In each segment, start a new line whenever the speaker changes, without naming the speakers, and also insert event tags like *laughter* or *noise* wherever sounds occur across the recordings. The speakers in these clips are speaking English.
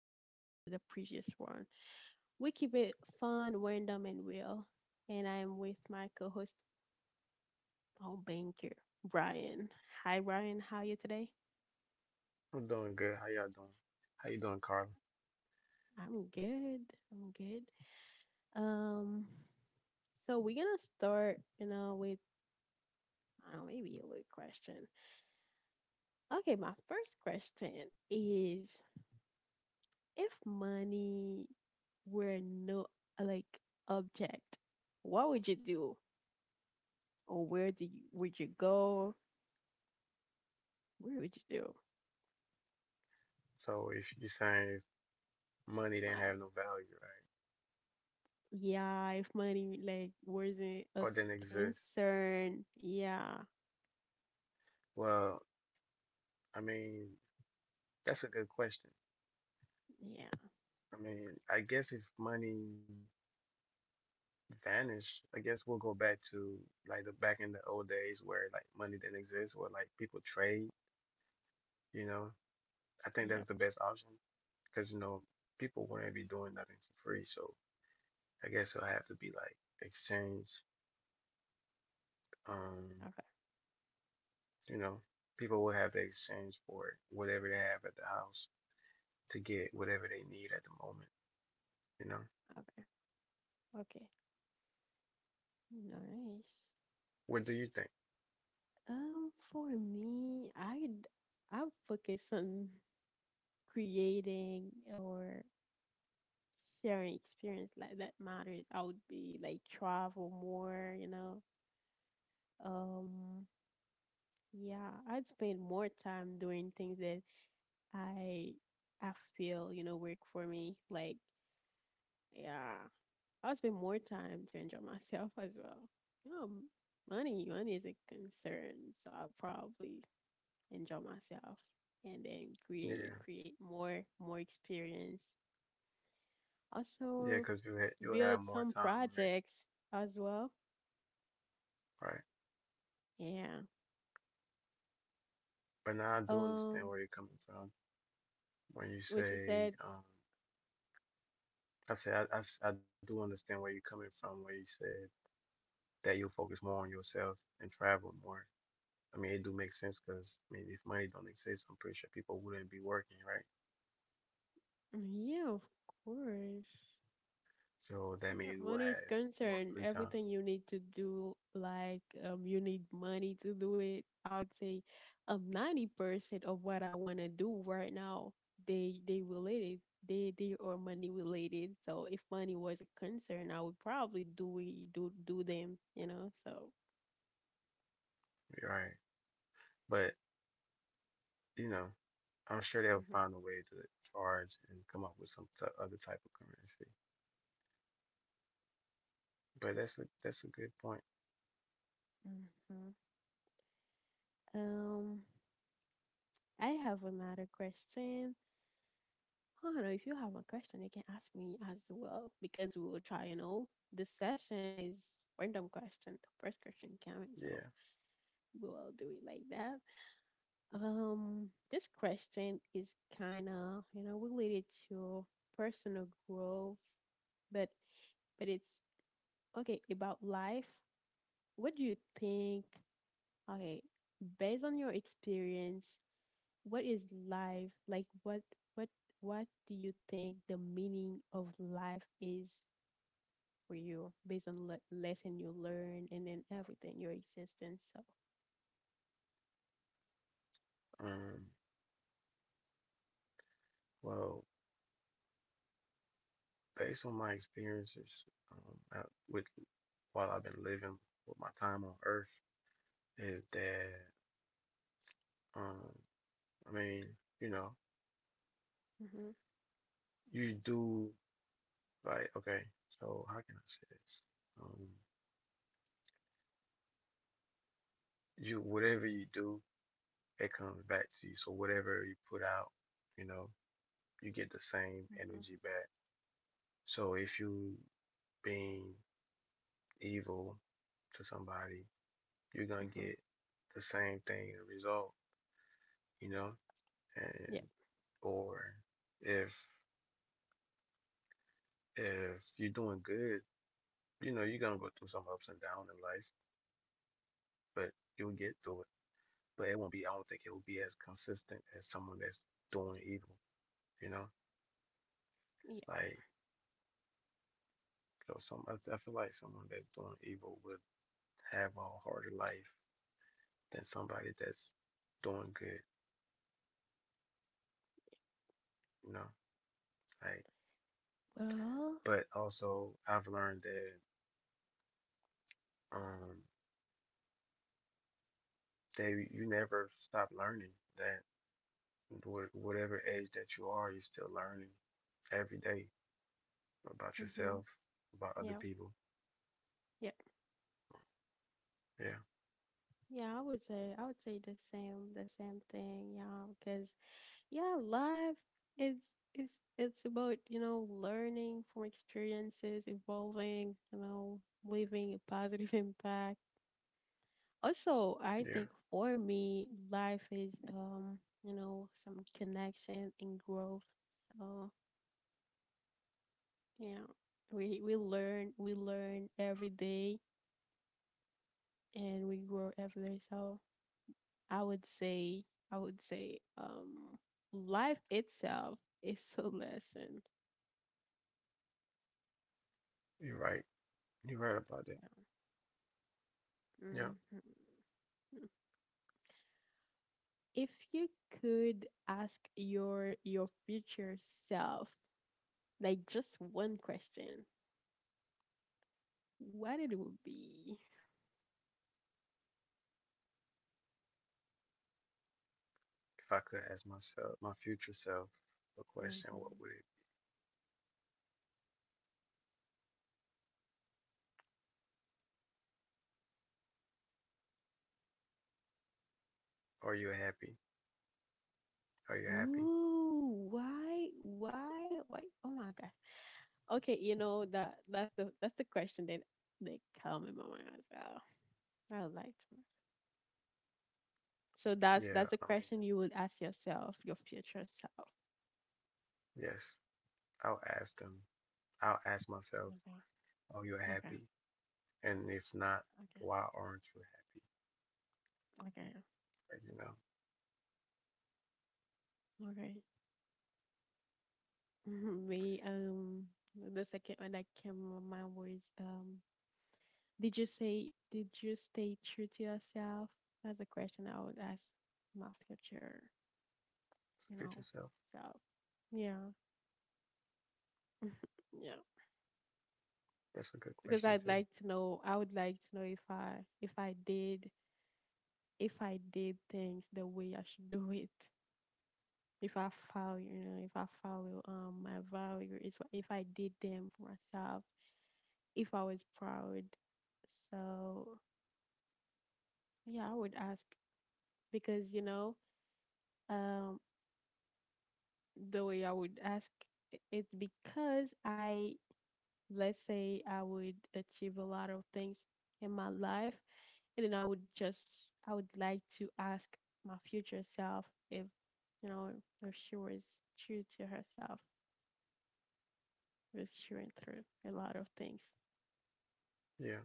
similar to the previous one. We keep it fun, random, and real. And I am with my co host, our Banker, Brian. Hi, Brian. How are you today?
I'm doing good. How y'all doing? How you doing, Carla?
I'm good. I'm good. Um, so, we're going to start, you know, with maybe a little question. Okay, my first question is if money were no like object, what would you do? Or where do you would you go? Where would you do?
So if you're saying if money didn't have
Like
no value, right?
yeah, if money like wasn't
Or
a
didn't exist,
concern, yeah,
well, I mean, that's a good question.
yeah,
I mean, I guess if money vanished, I guess we'll go back to like the back in the old days where like money didn't exist, where like people trade, you know? I think that's
yep.
the best option because, you know, people wouldn't be doing nothing for free. So I guess it'll have to be like exchange. Um,
Okay,
You know, people will have to exchange for whatever they have at the house to get whatever they need at the moment. You know,
okay, okay. Nice.
what do you think?
For me, I focus on creating or sharing experience like that matters. I would be like travel more, you know. Um, yeah, I'd spend more time doing things that I I feel you know work for me. Like yeah, I would spend more time to enjoy myself *laughs* as well. You know, money is a concern, so I'll probably enjoy myself and then create
Yeah,
create more experience.
yeah,
Also
because you'll have
build
more
some
time, right?
projects as well.
Right.
Yeah.
But now I do understand
Um,
where you're coming from when you
which you said,
say, I say I do understand where you're coming from when you said that you'll focus more on yourself and travel more. I mean, it do make sense because I mean, if money don't exist, I'm pretty sure people wouldn't be working, right?
yeah, of course.
So
As
that
far as
means we'll
money is
have more
concerned,
free time,
everything you need to do, like you need money to do it. I would say, 90% of what I wanna do right now, they related. They are money related. So if money was a concern, I would probably do it, do them. You know, so.
right? But you know, I'm sure they'll
Hmm.
find a way to charge and come up with some other type of currency. But that's a good point.
Mm-hmm. Um, I have another question. I don't know if you have a question, you can ask me as well because we will try. You know, this session is random question, the first question coming, so
Yeah.
we will do it like that. This question is kind of you know related to personal growth, but but it's okay about life. What do you think? Okay, based on your experience, what is life like? What what do you think the meaning of life is for you based on lesson you learn and then everything your existence so
Um. Well, based on my experiences, out with while I've been living with my time on Earth, is that um, I mean, you know,
hmm
you do like okay. So how can I say this? Um, you whatever you do, it comes back to you. So whatever you put out, you know, you get the same
hmm
energy back. So if you being evil to somebody, you're gonna
hmm
get the same thing in result, you know?
yeah
And or if if you're doing good, you know, you're gonna go through some ups and downs in life, but you'll get through it. But it won't be, I don't think it will be as consistent as someone that's doing evil, you know?
yeah
Like, so some, I feel like someone that's doing evil would have a harder life than somebody that's doing good, you know? Like,
well
but also I've learned that um that you never stop learning. That whatever age that you are, you're still learning every day about
hmm
yourself, about other
yeah
people.
yeah
Yeah,
yeah i would say the same thing yeah because yeah life is it's about you know learning from experiences evolving you know leaving a positive *laughs* impact also I
yeah,
think for me life is you know some connection and growth. Oh, yeah. We learn every day and we grow every day. So I would say I would say life itself is a lesson.
you're right. You're right about that.
Hmm.
Yeah.
If you could ask your future self like just one question, what it would be?
If I could ask myself, my future self, a question, what
Hmm.
would it? Are you happy? Are you happy?
Ooh, why? Oh my gosh. Okay, you know that's the question that they come in my mind as well. I would like to. So that's
Yeah.
that's a
I mean,
question you would ask yourself, your future self.
yes. I'll ask them. I'll ask myself,
Okay,
"Are you
okay,
happy?" And if not,
okay,
why aren't you happy?
okay,
But, you know,
okay. Mhm. Me, the second one that came to my mind was, did you stay true to yourself? That's a question I would ask my future,
it's a
you know,
future self.
self. Yeah, yeah.
That's a good
Because
question
I'd
too.
like to know. I would like to know if I did if I did things the way I should do it. If I follow, you know, if I follow my values, if I did them for myself, if I was proud. So yeah, I would ask because you know, um, the way I would ask it's because I let's say I would achieve a lot of things in my life. And then I would just, I would like to ask my future self if, you know, if she was true to herself, if she went through a lot of things.
Yeah.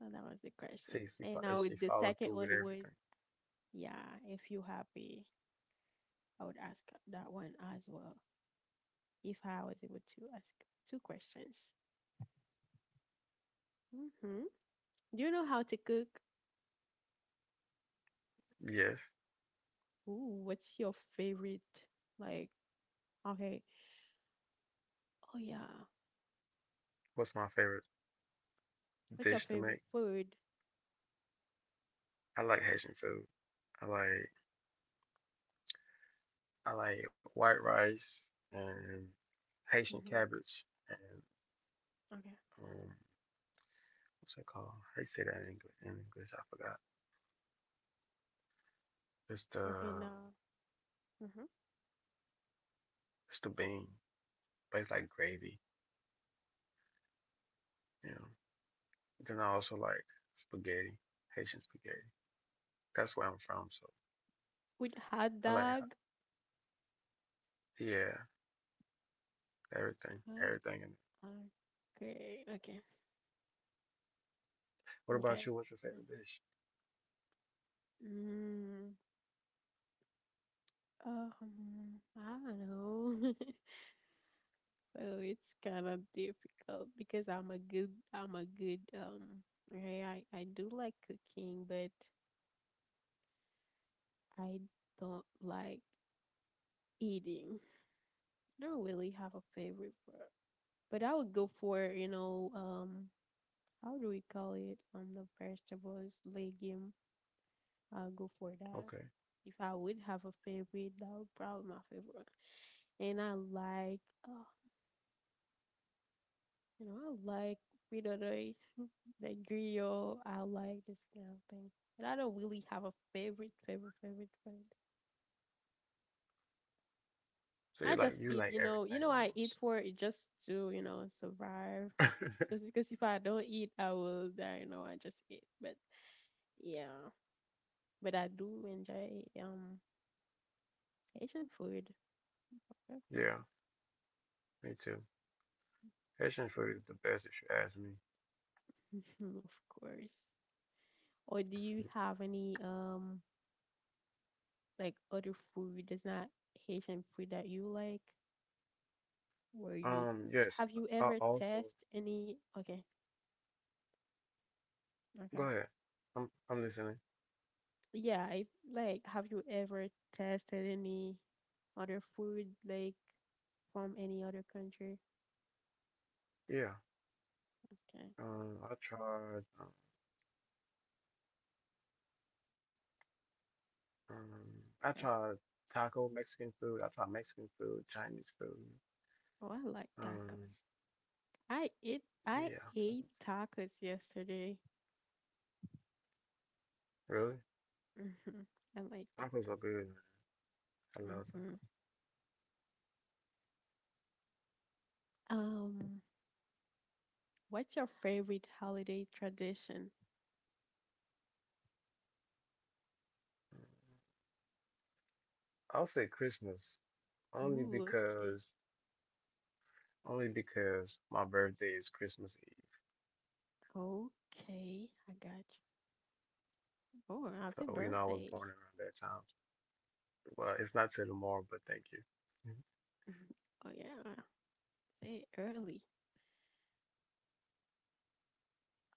So that was the
See,
question. And I
if she
would, the
followed
second
through with
one was,
everything.
yeah, if you happy, I would ask that one as well. If I was able to ask two questions. Hmm. Do you know how to cook?
Yes.
Ooh, what's your favorite? Like, okay, oh yeah,
What's my favorite
what's your
dish to
favorite
make?
food?
I like Haitian food. I like I like white rice and Haitian
Hmm.
cabbage and
Okay,
um what's it called? How you say that in English? In English, I forgot. It's the
okay, now. Mhm.
it's the bean, but it's like gravy. You know. Then I also like spaghetti, Haitian spaghetti. That's where I'm from, so
With hot
I like.
dog.
Yeah, everything,
Uh,
everything. In it.
Okay, okay,
What about
okay.
you? What's your favorite dish?
Mm, I don't know. *laughs* So it's kind of difficult because I'm a good, okay, I do like cooking, but I don't like eating. I don't really have a favorite for, but I would go for, you know, how do we call it? The vegetables, legume. I'll go for
Okay,
that. If I would have a favorite, that would probably my favorite. And I like, oh, you know, I like fritters, like grill. I like this kind of thing. But I don't really have a favorite food.
so
I just
you
eat,
like
you
everything
know, I eat
almost.
for it just to, you know, survive. Just
*laughs*
because if I don't eat, I will die. You know, I just eat. But yeah, but I do enjoy Asian food.
Yeah,
*laughs*
me too. Asian food is the best if you ask me.
Of course. Or do you have any like other food that's not Haitian food that you like? Where you
Yes,
have you
I
ever
also
test any? Okay,
go
okay.
ahead. I'm listening.
Yeah, I like. Have you ever tested any other food like from any other country?
Yeah.
Okay,
Um, I tried. Um, um, I tried
okay.
taco Mexican food. I tried Mexican food, Chinese food.
Oh, I like
Um,
tacos. I ate
yeah,
I
tacos.
ate tacos yesterday.
Really?
Hmm. I like
Tacos are
tacos.
good, man. I love tacos.
Hmm. Um, what's your favorite holiday tradition?
I'll say Christmas only
Ooh, okay.
because. Only because my birthday is Christmas Eve.
Okay, I got you. Oh,
So, you know, I
happy
was born
birthday.
around that
*laughs*
time. Well, it's not till tomorrow, but thank you.
Mhm. Oh, yeah. Say early.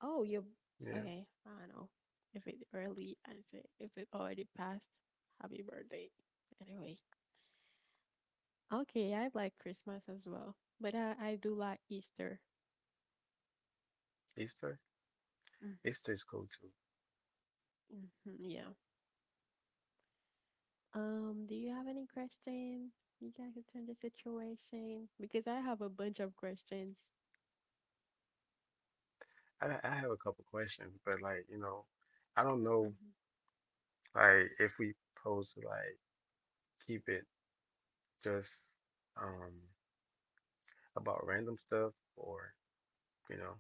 Oh, you.
Mhm. Yeah.
Okay, I don't know. If it's early, I say if it already passed, happy birthday. Anyway. Okay, I like Christmas as well. I do like Easter.
Easter?
Mhm,
Easter is cool too.
mhm. Yeah. Do you have any question? You guys can turn the situation because I have a bunch of questions.
I have a couple questions, but like, you know, I don't know like if we supposed to like keep it just um about random stuff or, you know,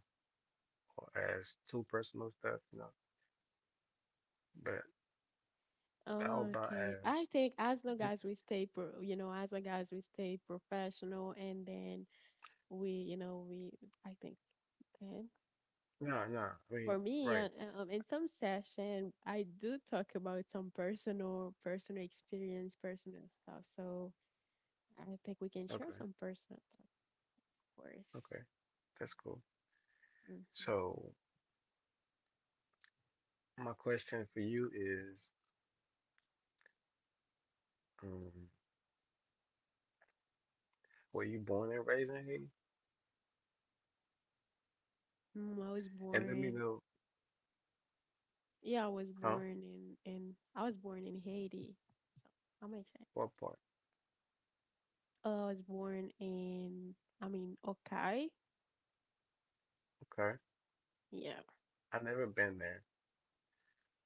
or as too personal stuff, you know. But how
Oh,
about
okay. I
as
think as long
you,
as we stay pro, you know, as long as we stay professional and then we, you know, we, I think, okay.
no, no, I
For
mean,
me,
right.
in some session, I do talk about some personal experience, personal stuff. So I think we can share
Okay.
some personal stuff, of course.
Okay. That's cool.
Hmm.
So my question for you is, um, were you born and raised in Haiti?
Mm, I was
And let me
born,
know,
yeah, I was
huh?
born in, I was born in Haiti. So I'm
What part?
I was born in, I mean, Okai.
Okay.
Yeah.
I've never been there,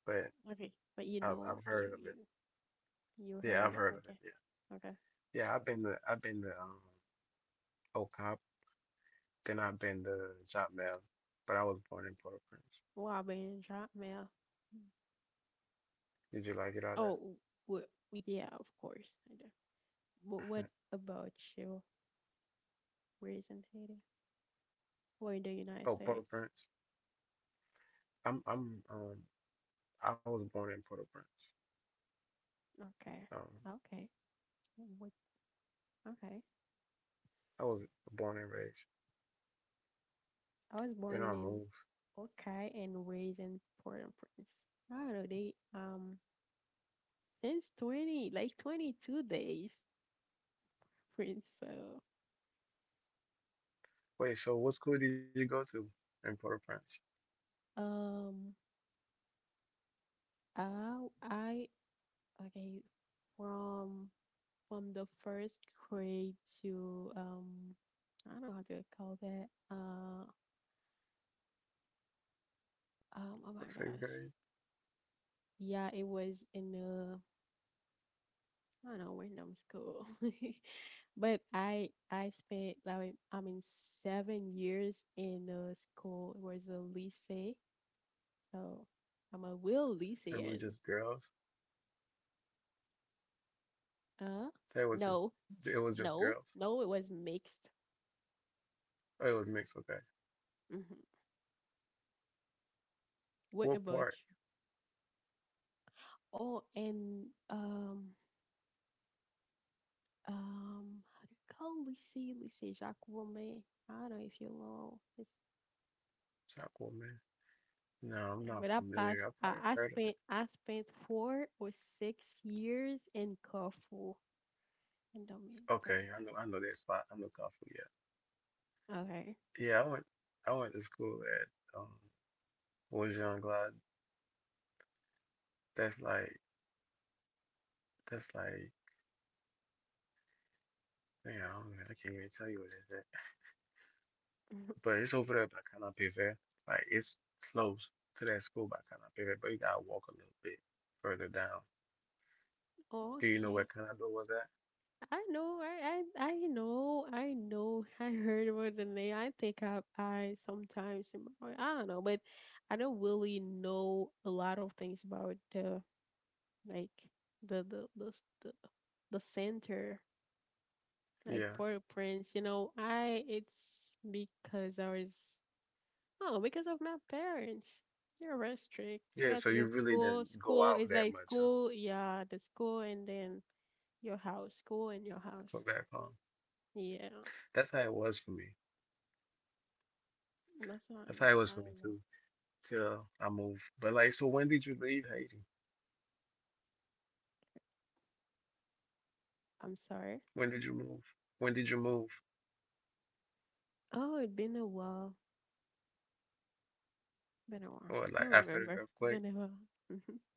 but
Okay. But you
I've
know, you
heard of
you
it.
you heard
Yeah, I've
about.
heard of
Okay.
it.
Okay.
Yeah. Yeah, I've been to Ocop, then I've been to Jacmel, but I was born in Port-au-Prince.
Wow, man, drop mail.
Did you like it out there?
Oh, w yeah, of course. I do. But what
*laughs*
about you? Where is in Haiti? Or in the United
Oh,
States?
Port-au-Prince. I'm I was born in Port-au-Prince.
Okay.
Um
Okay. What? Okay.
I was born and raised.
I was
Then
born
I
in
moved.
Okai and raised in Port-au-Prince. I don't know, they since 20, like 22 days. Princess.
Wait, so what school did you go to in Port-au-Prince?
Um, I okay from from the first grade to I don't know how to call that. Oh my
Sixth
gosh,
grade.
yeah, it was in a I don't know random school, *laughs* but I spent like I mean 7 years in a school. It was a lycée, so I'm a real
So it was
lycean.
just girls.
Uh,
So it was just
no,
it was just girls.
no, it was mixed.
Oh, it was mixed. Okay.
Mm-hmm. What
What
about
part?
you? Oh, and how do you call Lycée, Lycée Jacques Romain? I don't know if you know. It's
Chapel, man. No, I'm not
when I passed,
familiar. I
I,
probably
I
heard of it.
spent 4 or 6 years in Corfu in Domaine
Okay,
Personal.
I know that spot. I know Coffee.
Okay.
Yeah, yeah. I went to school at was Young Glide. That's like that's like man. I don't know. I can't even tell you what it is.
*laughs*
But it's over there by Canopy Fair. Like it's close to that school by Canopy Fair, but you gotta walk a little bit further down. Do you know where
Okay.
Canopy was at?
I know. I know. I know. *laughs* I heard about the name. I think I sometimes I don't know, but I don't really know a lot of things about the like the the the s- the, the center, like
Yeah.
Port-au-Prince. You know, I it's because I was oh because of my parents. They're very strict. I
Yeah,
got
so
to go
you
to
really
school.
didn't go
School
out
is
that
like
much and
school, yeah, the school and then your house, school and your
go
house.
back home.
Yeah, and
That's how it was for me.
that's why
That's
I
how it
don't
was for
I
me
don't
too,
know.
till I moved. But like, so when did you leave Haiti?
I'm sorry.
When did you move? When did you move?
Oh, it's been a while. Been a while.
Or
I
like
Don't
after the
remember.
earthquake?
Been a while. *laughs*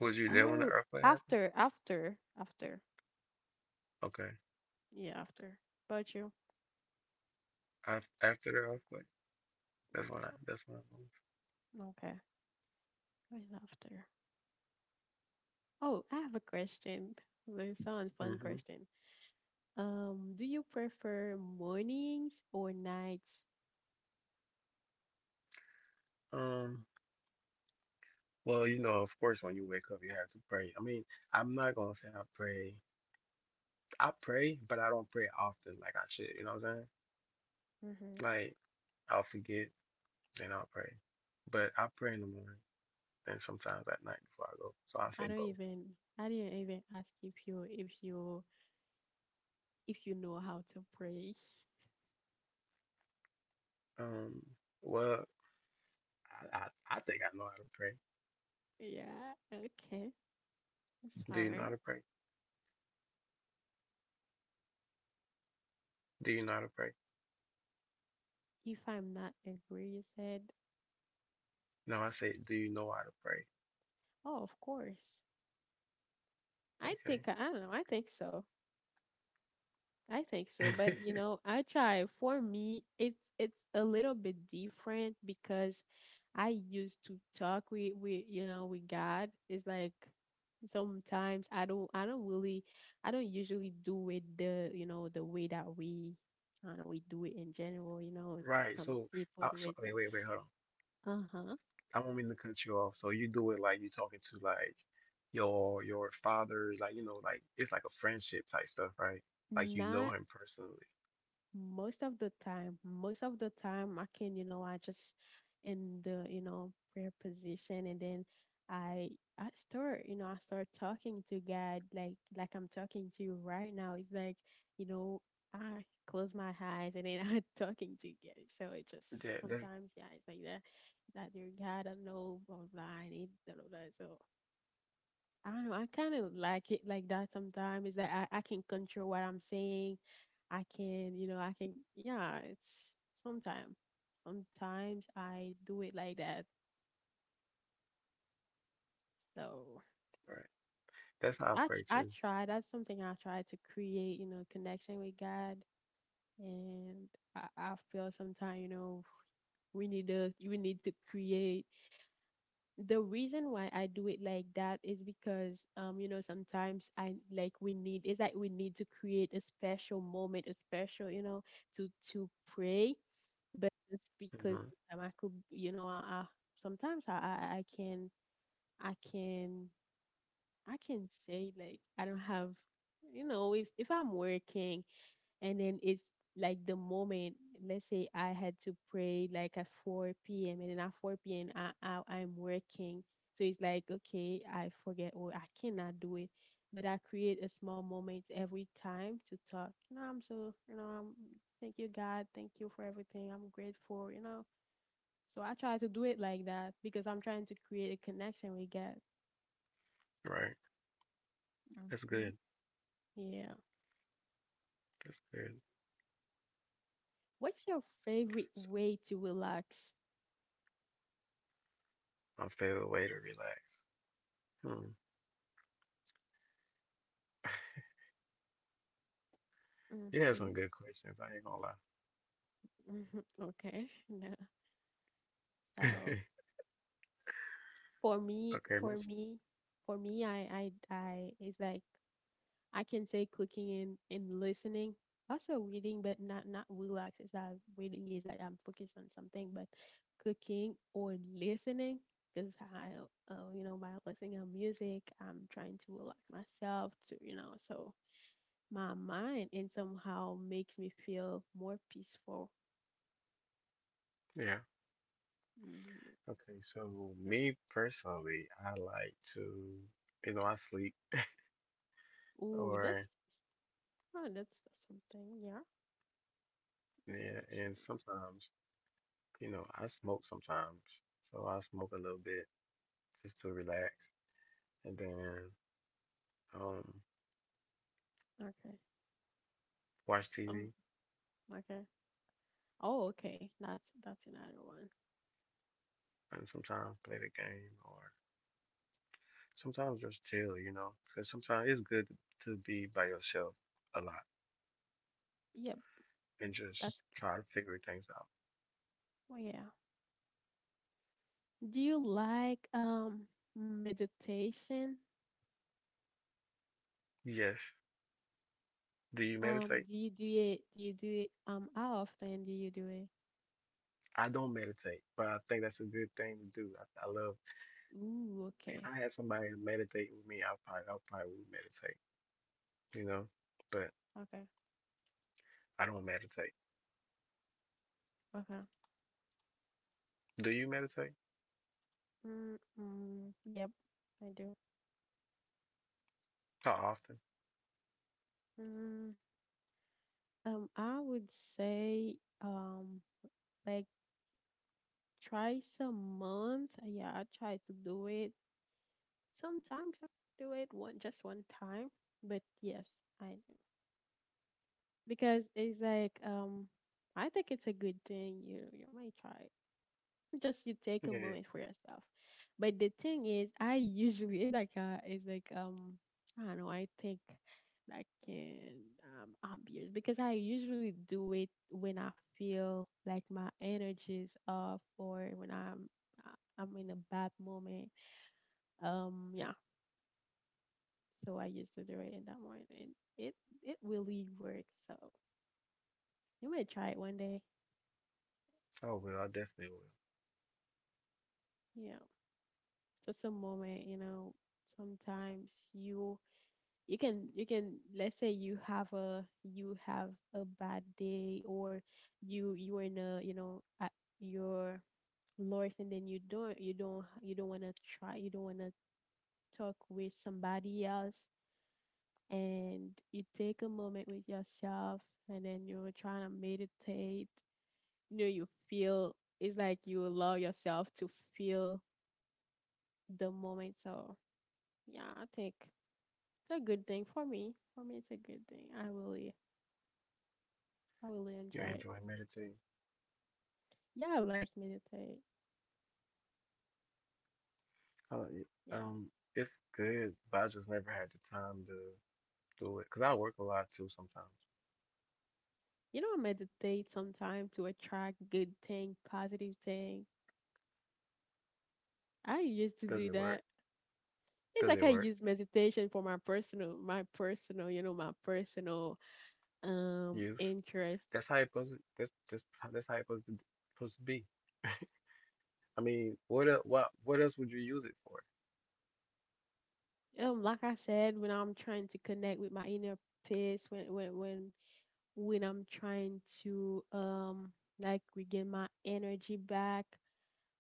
Was you there when the
Oh,
earthquake happened?
after.
Okay,
Yeah, after. About you?
after after the earthquake, that's when
Yeah.
I
Okay. Where's after? Oh, I have a question. This sounds fun
moved.
question. Do you prefer mornings or nights?
Hmm Well, you know, of course, when you wake up, you have to pray. I mean, I'm not gonna say I pray. I pray, but I don't pray often like I should. You know what I'm saying?
Mm-hmm.
Like. I'll forget. Then I'll pray. But I pray in the morning and sometimes at night before I go. So I
I
say
don't
both.
even. I didn't even ask if you if you know how to pray. *laughs*
Um, well, I think I know how to pray.
Yeah. Okay. It's
Do you know
fine.
how to pray? Do you know how to pray?
If I'm not agree, you said.
No, I say, do you know how to pray?
Oh, of course. I think I don't know. I think so. I think so, but
Okay.
you
*laughs*
know, I try. For me, it's a little bit different because I used to talk with you know with God. It's like sometimes I don't really I don't usually do it the you know the way that we I don't know we do it in general. You know,
Right.
some
So, I,
people do
so
it.
wait, wait, wait, hold on.
Uh huh.
I don't mean to cut you off. So you do it like you're talking to like your father, like you know, like it's like a friendship type stuff, right? Like you know
Not
him personally.
most of the time I can, you know, I just in the, you know, prayer position and then i I start, you know, I start talking to God, like I'm talking to you right now. It's like, you know, I close my eyes and then *laughs* I'm talking to God. So it
Yeah,
just
that's
sometimes, yeah, it's like that. It's like, "Dear God, I know blah blah, I need blah blah blah." So I don't know. I kind of like it like that sometimes. Is that I can control what I'm saying. I can, you know, I can. Yeah, it's sometimes. Sometimes I do it like that. So
right. That's how I pray
I
too.
try. That's something I try to create, you know, connection with God. And I feel sometimes, you know, we need to create. The reason why I do it like that is because you know, sometimes I like, we need, it's like we need to create a special moment, a special, you know, to pray, but it's because
Hmm
sometimes I could, you know, I sometimes I can, I can I can say like I don't have, you know, if I'm working and then it's like the moment. Let's say I had to pray like at 4 p.m. and then at 4 p.m. I, am working. So it's like, okay, I forget or I cannot do it, but I create a small moment every time to talk. You know, I'm, so, you know, I'm, thank you God, thank you for everything, I'm grateful, you know. So I try to do it like that because I'm trying to create a connection with God.
Right. That's
Hmm.
good.
Yeah.
That's good.
What's your favorite
It's
way to relax?
my favorite way to relax. Hmm. *laughs* You had
Mm-hmm.
some good questions. I ain't gonna
*laughs* Mhm. Okay. No. So
lie. *laughs*
for me,
Okay, my,
for me, for me, it's like I can say cooking and, listening, also reading, but not relax. It's that reading is like I'm focused on something, but cooking or listening, because I, you know, by listening to music, I'm trying to relax myself to, you know, so my mind and somehow makes me feel more peaceful.
yeah.
Mm.
Okay, so me personally, I like to, you know, I sleep
Ooh,
or
that's. Oh, that's something. Yeah,
yeah,
gotcha.
and sometimes, you know, I smoke sometimes. So I smoke a little bit just to relax, and then um
Okay.
watch TV
Um. Okay. Oh, okay. That's another one.
and sometimes play the game or sometimes that's chill, you know, because sometimes it's good to be by yourself a lot
Yep.
and just
That's,
try to figure things out.
well, yeah. Do you like meditation?
Yes. Do you meditate?
Do you do it? Do you do it? How often do you do it?
I don't meditate, but I think that's a good thing to do. I love
Ooh.
if
Okay.
I had somebody to meditate with me, I probably would meditate, you know. But
Okay.
I don't meditate.
Okay.
Do you meditate?
Mm. Mm, yep. I do.
How often?
Mm, um, I would say um, like twice a month. Yeah, I try to do it. Sometimes I do it one, just one time, but yes, I do. Because it's like um, I think it's a good thing you you might try. Just you take
*laughs*
a
Yeah.
moment for yourself. But the thing is I usually, it's like it's like, um, I don't know, I think like in obvious, because I usually do it when I feel like my energy is off or when I'm, I'm in a bad moment. Um, yeah. So I used to do it in that morning, and it it really works. So you may try it one day.
Oh well, I definitely will.
Yeah, just a moment. You know, sometimes you, you can, you can, let's say you have a, you have a bad day or you are in a, you know, at your lowest, and then you don't, you don't, you don't want to try, you don't want to talk with somebody else, and you take a moment with yourself, and then you're trying to meditate, you know, you feel it's like you allow yourself to feel the moment. So yeah, I think it's a good thing. For me, for me, it's a good thing. I really, I really enjoy
You
it.
enjoy meditating?
Yeah, I like meditate.
Uh, y-
Yeah.
um, it's good, but I just never had the time to do it because I work a lot too sometimes.
You know, I meditate sometime to attract good thing, positive thing. I used to
Does
do
it work?
that. It's
Does
like
it
I
work?
use meditation for my personal, my personal, you know, my personal
Use.
interest.
That's how it's supposed to, that's how it's supposed to, supposed to be. *laughs* I mean, what else would you use it for?
Um, like I said, when I'm trying to connect with my inner peace, when I'm trying to like regain my energy back.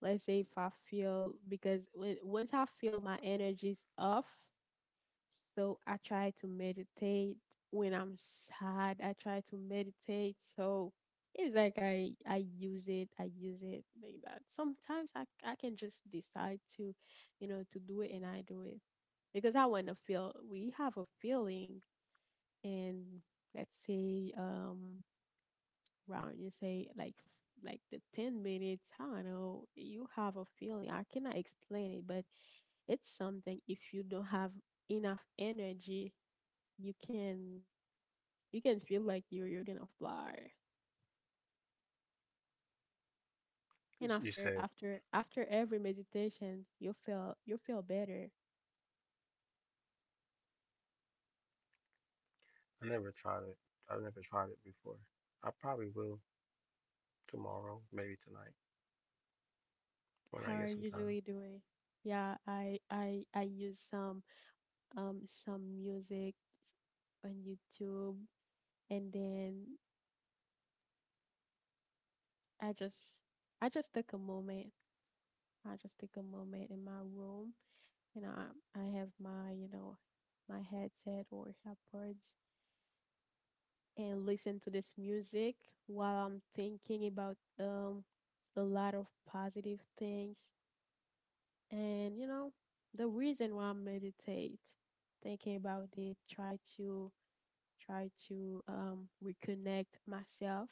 Let's say if I feel, because when, once I feel my energy's off, so I try to meditate. When I'm sad, I try to meditate. So it's like I use it, I use it like that. Sometimes I can just decide to, you know, to do it, and I do it because I want to feel. We have a feeling and let's say um, round. You say like like the 10 minutes, I don't know, you have a feeling. I cannot explain it, but it's something, if you don't have enough energy, you can, you can feel like you, you're gonna fly. And
You
after
said
after after every meditation, you feel, you feel better.
I never tried it. I never tried it before. I probably will tomorrow, maybe tonight
How
when I
are
get
you
some
really
time.
doing? Yeah, I use some um, some music on YouTube, and then I just I just took a moment. I just take a moment in my room, and I have my, you know, my headset or AirPods, and listen to this music while I'm thinking about a lot of positive things. And, you know, the reason why I meditate, thinking about it, try to reconnect myself.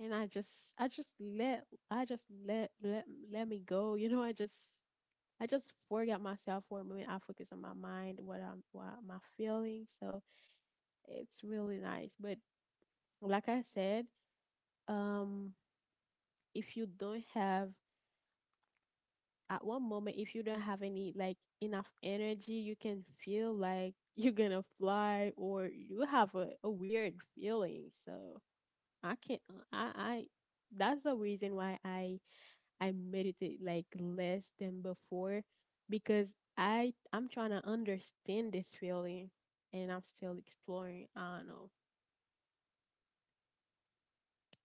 And I just let let me go. You know, I just forget myself for a moment. I focus on my mind, what I'm, what am I feeling? So it's really nice. But like I said, um, if you don't have at one moment, if you don't have any, like, enough energy, you can feel like *laughs* you're gonna fly or you have a weird feeling. So I can't. I That's the reason why I meditate like less than before, because I'm trying to understand this feeling, and I'm still exploring. I don't know.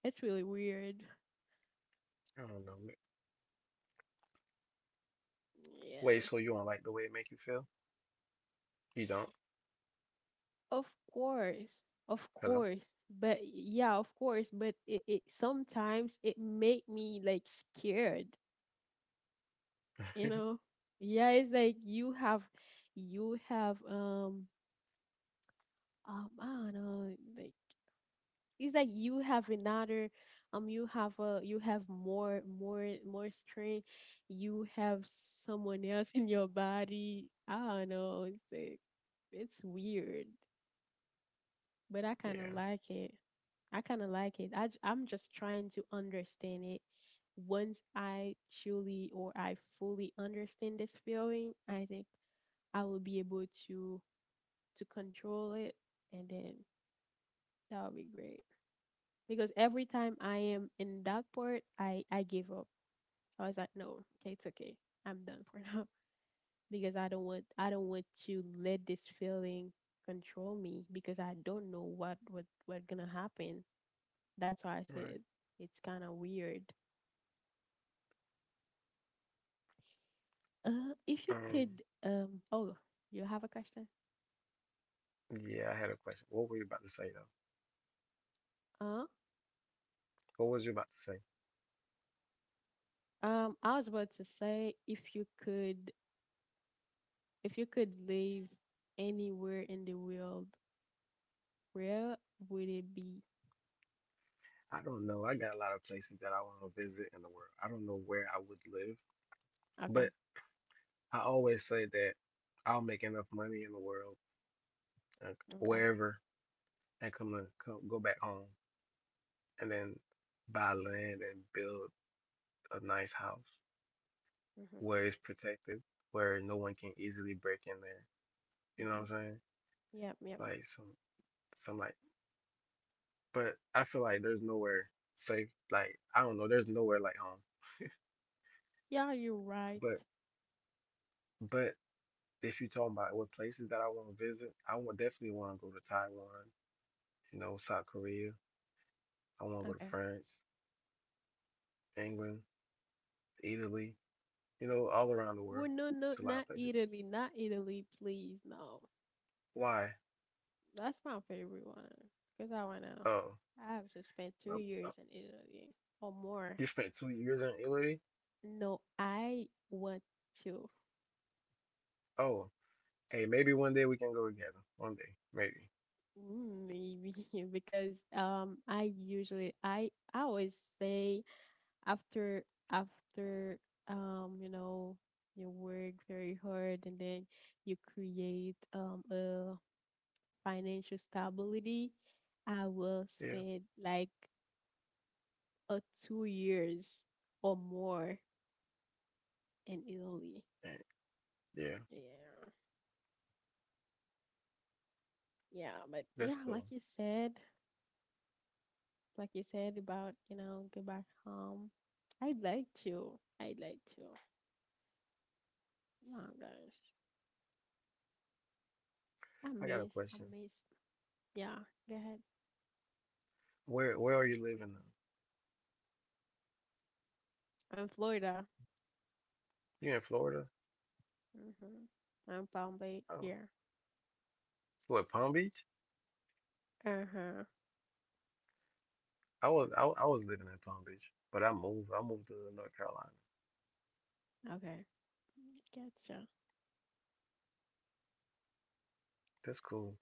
It's really weird.
I don't know, ma- Wait,
Yeah.
so you don't like the way it make you feel? You don't?
Of course. Of course.
Hello?
But yeah, of course, but it sometimes it make me like scared, you know? Yeah,
*laughs*
it's like you have, you have um, um, I don't know, like, it's like you have another um, you have a, you have more, more, more strength, you have someone else in your body. I don't know, it's like, it's weird, but I kind of like it.
Yeah.
I kind of like it. I, I'm just trying to understand it. Once I truly or I fully understand this feeling, I think I will be able to control it. And then that would be great. Because every time I am in that part, I give up. I was like, no, okay, it's okay. I'm done for now, *laughs* because I don't want to let this feeling control me, because I don't know what gonna happen. That's why I say it,
All right.
it's kind of weird. If you
Um.
could, oh, you have a question?
Yeah, I had a question. What were you about to say though?
Uh,
What was you about to say?
I was about to say, if you could live anywhere in the world, where would it be?
I don't know. I got a lot of places that I want to visit in the world. I don't know where I would live,
Okay,
but I always say that I'll make enough money in the world, uh,
okay.
wherever, and come, to, come go back home and then buy land and build a nice house
Mm-hmm.
where it's protected, where no one can easily break in there. You know
Mm-hmm.
what I'm saying?
Yep, yep.
Like some like, but I feel like there's nowhere safe. Like I don't know. There's nowhere like home. *laughs*
Yeah, you're right.
But but if you're talking about what places that I want to visit, I would definitely want to go to Taiwan, you know, South Korea. I want to go to
Okay.
France, England, Italy, you know, all around the
Well,
world.
no, no,
It's a lot
not
of places.
Italy, not Italy, please. No,
Why?
that's my favorite one. Cause I wanna,
Oh,
I have just spent two
uh, uh,
years in Italy or more.
you spent 2 years in Italy?
No, I want to.
Oh, hey, maybe one day we can go together. One day, maybe.
Mm, maybe. *laughs* Because I usually, I always say after, after you know, you work very hard and then you create a financial stability, I will
Yeah,
spend like a 2 years or more in Italy.
eh, yeah,
Yeah. Yeah, but
that's
yeah,
cool.
like you said about, you know, go back home. I'd like to. I'd like to. Oh my gosh. I
I got a
miss, I
question.
miss. Yeah, go ahead.
Where are you living now?
I'm Florida.
You in Florida?
Mm-hmm. I'm Palm Bay.
Oh,
Yeah.
what, Palm Beach?
Uh-huh.
I was living in Palm Beach, but I moved. I moved to North Carolina.
Okay. Gotcha.
That's cool.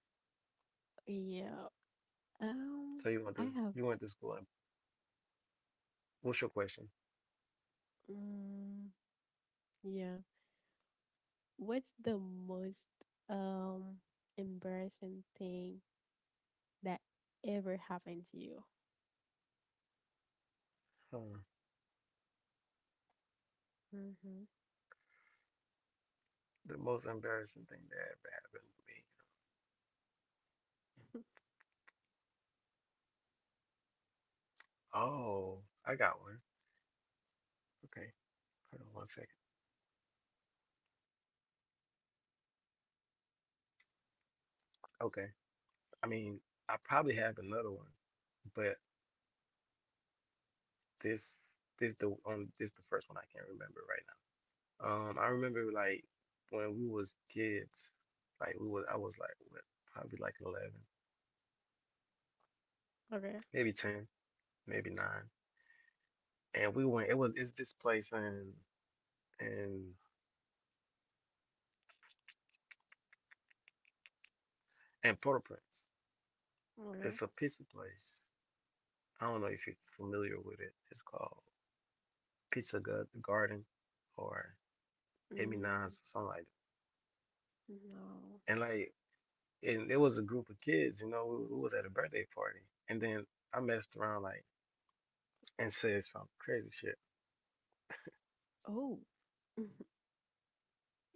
Yeah. Um,
So
I have.
you went to school. What's your question?
Mm, yeah. What's the most um embarrassing thing that ever happened to you?
Hmm.
Mm-hmm.
The most embarrassing thing that ever happened to me. Oh, I got one. Okay, hold on one second. Okay, I mean, I probably have another one, but this this the on this the first one I can't remember right now. I remember like when we was kids, like we was I was like what, probably like 11,
*laughs* Okay.
maybe 10, maybe 9, and we went. It's this place in in Port-au-Prince.
Okay.
It's a pizza place. I don't know if you're familiar with it. It's called Pizza Gu- Garden or Emmy Nines or
Mm,
something like
no.
that. And it was a group of kids, you know, we was at a birthday party. And then I messed around like and said some crazy shit.
Oh. *laughs*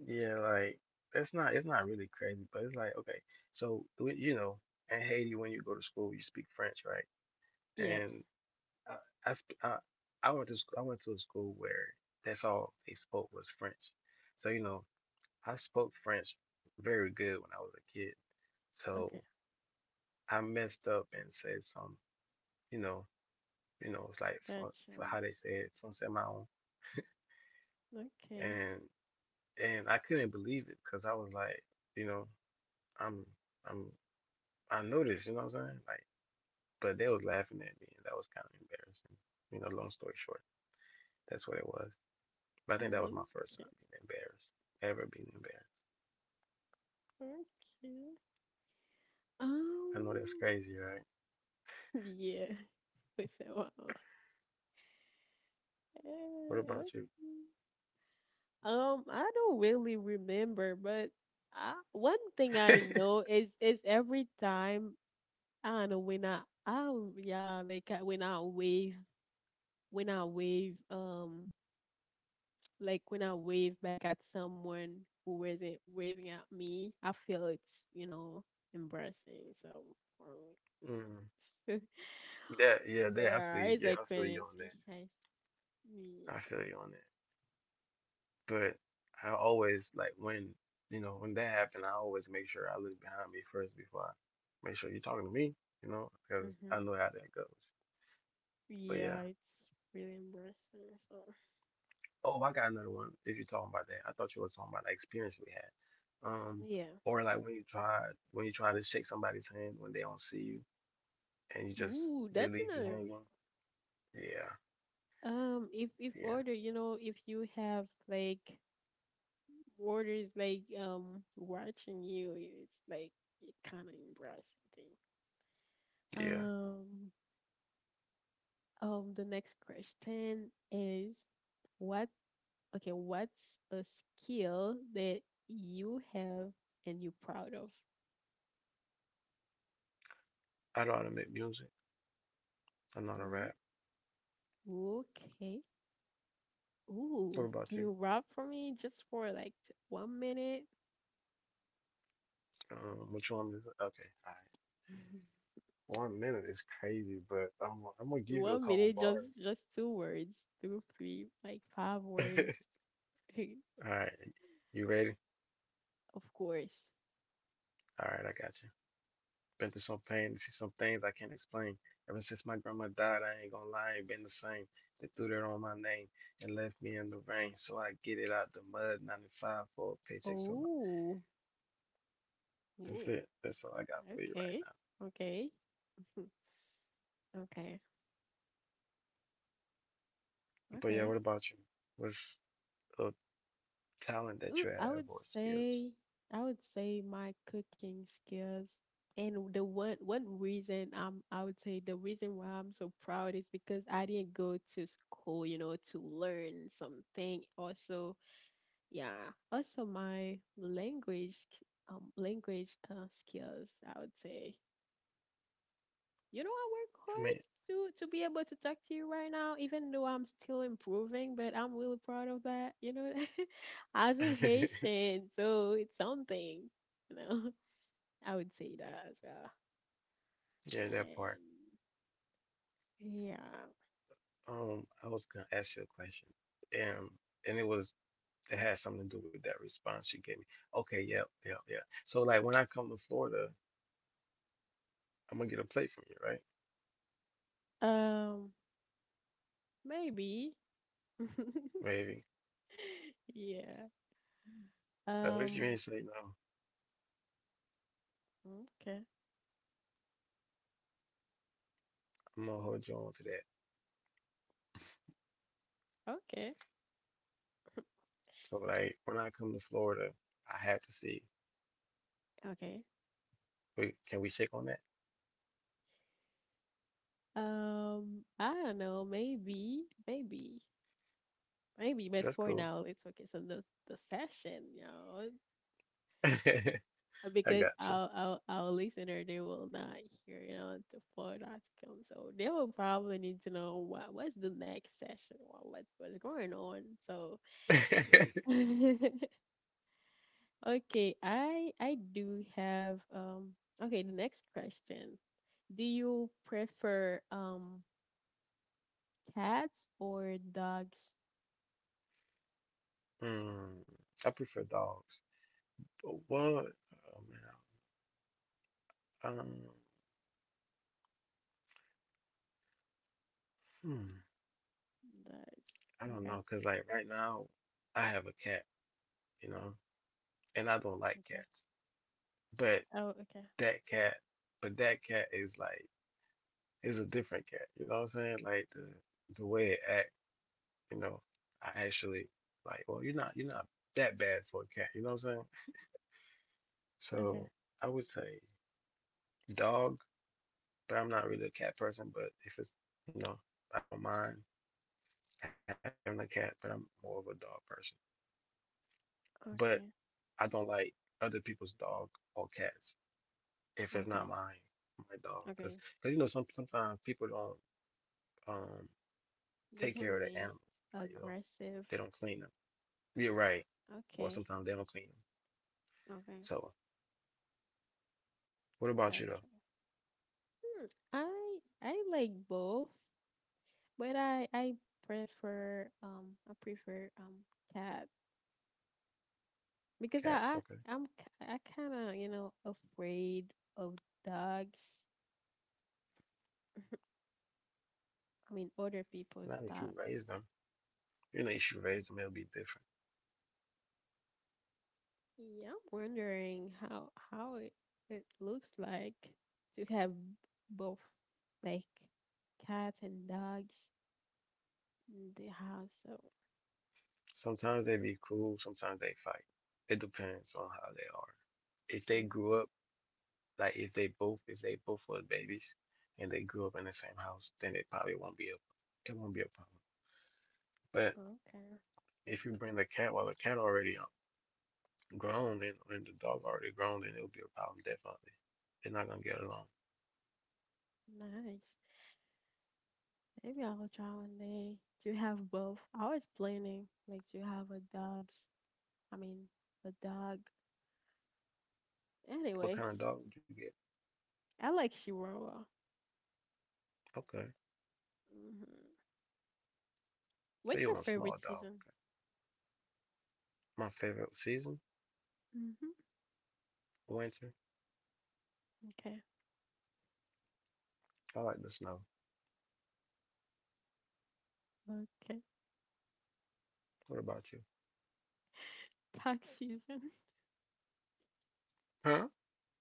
Yeah, like that's not it's not really crazy, but it's like okay, so you know, in Haiti when you go to school, you speak French, right?
Yeah.
And I I, sp- I, I went to I went to a school where that's all they spoke was French. So you know. I spoke French very good when I was a kid,
Okay.
so I messed up and said some, you know, it's like for
Gotcha.
how they say it, français marron,
Okay.
and I couldn't believe it because I was like, you know, I'm I'm I know this, you know what I'm saying? Like, but they was laughing at me, and that was kind of embarrassing. You know, long story short, that's what it was. But I think that was
Mm,
my first time
okay.
being embarrassed, ever being embarrassed.
Okay.
I know that's
Um.
crazy, right?
*laughs* Yeah. *laughs* We said, wow.
What
Hey, okay.
about you?
I don't really remember, but I, one thing I
*laughs*
know is every time, I don't know when I, oh yeah, like when I wave, when I wave um like when I wave back at someone who wasn't waving at me, I feel it's, you know, embarrassing. So for
Mm.
me,
Yeah,
*laughs*
they I feel
yeah,
you.
it's
Yeah,
like
I feel you
when
on
it's
that.
guys,
I
yeah,
feel you on that. But I always like when you know when that happened, I always make sure I look behind me first before I make sure you're talking to me. You know, because
hmm,
I know how that goes. But
yeah,
yeah.
it's really embarrassing. So
Oh, I got another one. If you're talking about that, I thought you were talking about the experience we had.
yeah.
Or like when you try to shake somebody's hand when they don't see you and you just
Ooh,
they
that's
leave you
another.
hanging. Yeah,
If,
yeah,
order, you know, if you have like orders, like um, watching you, it's like, it kind of embarrassing thing.
yeah.
Um, the next question is what? Okay, what's a skill that you have and you're proud of?
I know how to make music. I know how to
Hmm?
rap.
Okay.
What
Ooh,
about
can
you?
you rap for me just for like 1 minute?
Which one is it? Okay, all
*laughs*
right. 1 minute is crazy, but I'm gonna give you a
one
couple
minute just
bars.
just two words, two three, like five words.
*laughs*
*laughs*
All right, you ready?
Of course.
All right, I got you. Been through some pain to see some things I can't explain. Ever since my grandma died, I ain't gonna lie, I ain't been the same. They threw that on my name and left me in the rain, so I get it out the mud. 95 for a paycheck, so I-
Oh.
that's
Ooh.
it. That's all I got for you right
Okay,
now.
okay. *laughs* Okay,
But yeah,
okay.
what about you? What's a talent that
Ooh,
you
I
have
would
or skills?
say, I would say my cooking skills. And the one, reason, um, I would say the reason why I'm so proud is because I didn't go to school, you know, to learn something. Also. Yeah. Also, my language, um, language, skills, I would say. I work
I
hard
mean,
to be able to talk to you right now, even though I'm still improving, but I'm really proud of that. *laughs* As in
*laughs*
Haitian, so it's something, you know. *laughs* I would say that as well.
yeah, that part.
And yeah.
I was gonna ask you a question, and it was it had something to do with that response you gave me. Okay, yeah. So like when I come to Florida, I'm gonna get a plate from you, right?
Um, maybe. *laughs*
Maybe.
Yeah.
At least you
Um,
ain't say no.
okay.
I'm gonna hold you on to that.
okay.
So like when I come to Florida, I have to see.
Okay.
Wait, can we check on that?
I don't know. Maybe, maybe, maybe. But
That's
for
cool.
now, let's focus on the session,
*laughs* I
because
got you.
our listener they will not hear, the full outcome. So they will probably need to know what's the next session, what's going on. So,
*laughs*
*laughs* okay, I do have. Okay, the next question. Do you prefer cats or dogs?
mm, I prefer dogs. But what? Oh man. Um. Hmm.
Dogs.
I don't
Okay.
know, cause like right now, I have a cat, you know, and I don't like
Okay.
cats. But
Oh, okay.
that cat, but that cat is like, is a different cat. You know what I'm saying? Like the way it act, you know, I actually like. Well, you're not that bad for a cat. You know what I'm saying?
Okay.
So I would say dog, but I'm not really a cat person. But if it's you know, I don't mind having a cat, but I'm more of a dog person. But
Okay.
I don't like other people's dog or cats. If it's
Okay.
not my dog. Because
Okay.
you know, sometimes people don't um
They
take care
can
of their
be
animals. Like you know,
aggressive.
they don't clean them. You're right. Or
Okay.
sometimes they don't clean them.
Okay.
So what about you though,
Gotcha. Hmm. I like both, but I prefer cat because I,
cat? Okay,
I I'm ki- I kind of afraid of dogs. I mean other people's
not if you
dogs.
raise them. You know, if you raise them, it'll be different.
Yeah, I'm wondering how it looks like to have both like cats and dogs in the house. So,
Sometimes they be cool. Sometimes they fight. It depends on how they are. If they grew up,
hmm
like if they both were babies, and they grew up in the same house, then it probably won't be a, it won't be a problem. But
okay,
if you bring the cat while the cat already grown and, the dog already grown, then it'll be a problem definitely. They're not gonna get along.
nice. Maybe I'll try one day to have both. I was planning like to have a dog. I mean, a dog.
What
Anyway,
kind of dog would you get?
I like Chihuahua.
Okay,
Hmm.
so
What's
you
your
want a small
favorite
dog.
season?
My favorite season,
Hmm.
winter.
Okay,
I like the snow.
okay.
What about you?
*laughs* Dog season.
Huh?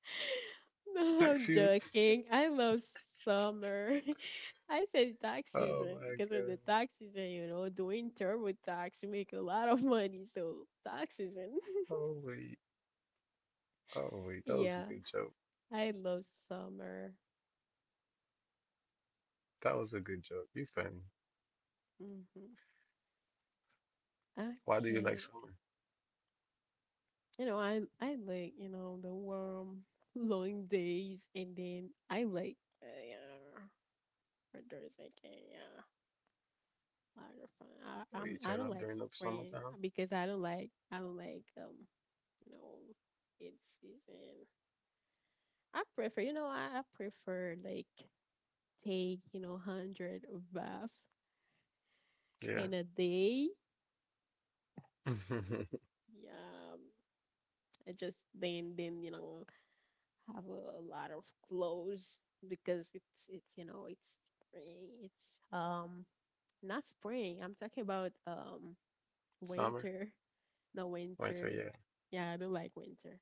*laughs* No,
Next
I'm
season?
joking. I love summer. *laughs* I said tax
Oh
season
my
because in
god.
the tax season, doing turbo tax, you make a lot of money. So tax season. *laughs*
Oh wait. Oh wait. That was a
Yeah,
good joke.
I love summer.
That was a good joke. You funny.
Hmm.
Why do you like
Okay.
summer?
You know, I like, the warm, *laughs* long days and then I like yeah, outdoors making, yeah, lot of fun. I
Or you
I'm I
turn
don't
up
like
during the
spring
summertime?
because I don't like you know, it's isn't. I prefer, I prefer like take, 100 bath
Yeah.
in a day.
*laughs*
Yeah, I just then have a lot of clothes because it's it's spring. It's not spring. I'm talking about
Summer,
winter. No
winter.
winter.
Yeah.
Yeah, I don't like winter.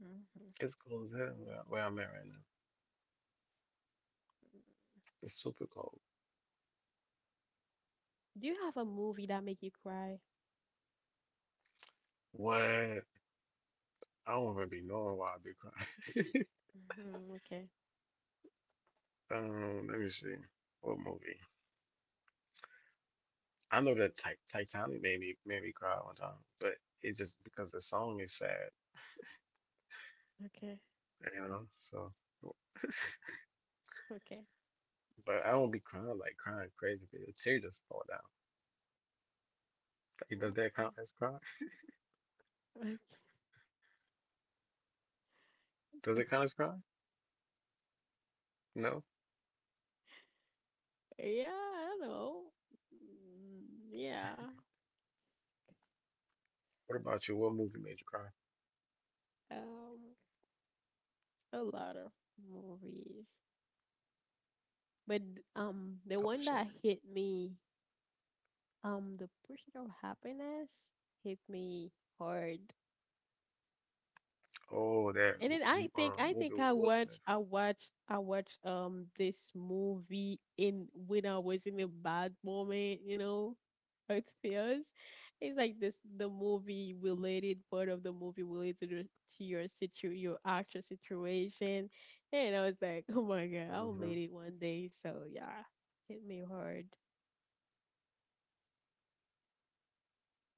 Hmm.
It's cold as hell where I'm at right now. It's super cold.
Do you have a movie that make you cry?
What? I don't really know why I be crying.
Hmm. Okay.
*laughs* Let me see. What movie? I know that Titanic made me cry one time, but it's just because the song is sad,
Okay.
you know. So,
Okay.
but I don't be crying like crying crazy. The tears just fall down. Like, does that count
Okay.
as crying?
Okay.
Does it count as crying?
*laughs*
No.
So yeah, I don't know. Mm, yeah.
What about you? What movie made you cry?
Um, a lot of movies, but the
Oh
one
shit.
that hit me, the pursuit of happiness hit me hard.
Oh, that
And then I think I
movie
think I
with Will Smith.
watched I watched I watched um this movie in when I was in a bad moment, *laughs* how it feels. It's like this the movie related part of the movie related to your actual situation, and I was like, *laughs* oh my god,
Hmm.
I'll made it one day. So yeah, hit me hard.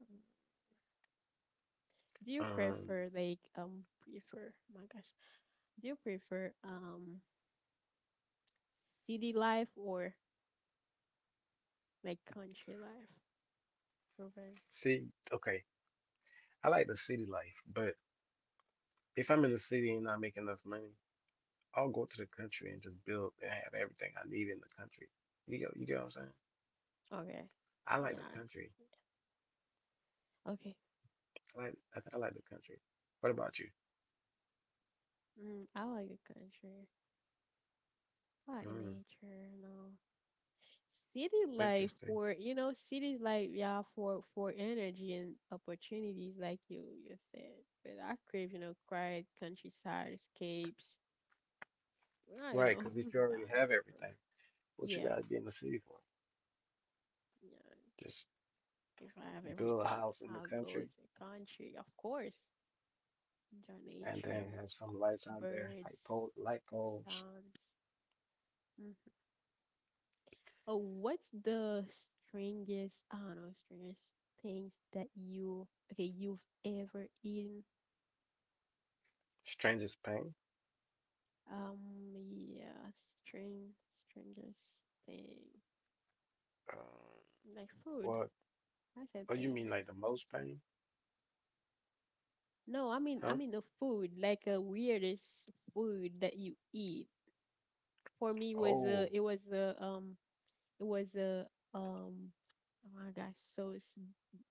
Mm. Do you
Um,
prefer like prefer? Oh my gosh, do you prefer city life or like country life, Provence.
see, okay. I like the city life, but if I'm in the city and not making enough money. I'll go to the country and just build and have everything I need in the country. You get what I'm saying?
Okay.
I like the
Yes.
country.
Okay.
I like the country. What about you?
Mm, I like the country. I like
Mm,
nature. No. City life
interesting.
for cities like yeah for energy and opportunities like you said. But I crave quiet countryside escapes. Well,
Right, because if you
*laughs*
already
balance
have
is perfect.
everything, what you
Yeah.
guys be in the city for?
Yeah.
Just
If I have
build a
everything,
house in the
I'll go
country
to country. Of course, enjoy
and then
nature.
have some lights out there,
Birds,
like pole light poles.
sounds. Hmm. Oh, what's the strangest, I don't know, strangest things that you, okay, you've ever eaten?
Strangest pain.
Um, yeah, strange, strangest thing.
Um,
Like food.
what?
I
Oh,
said
you
thing,
mean
yeah,
like the
food.
most pain?
No, I mean, I
Huh?
mean the food, like a weirdest food that you eat. For me,
Oh,
it was um, oh my gosh, so it's,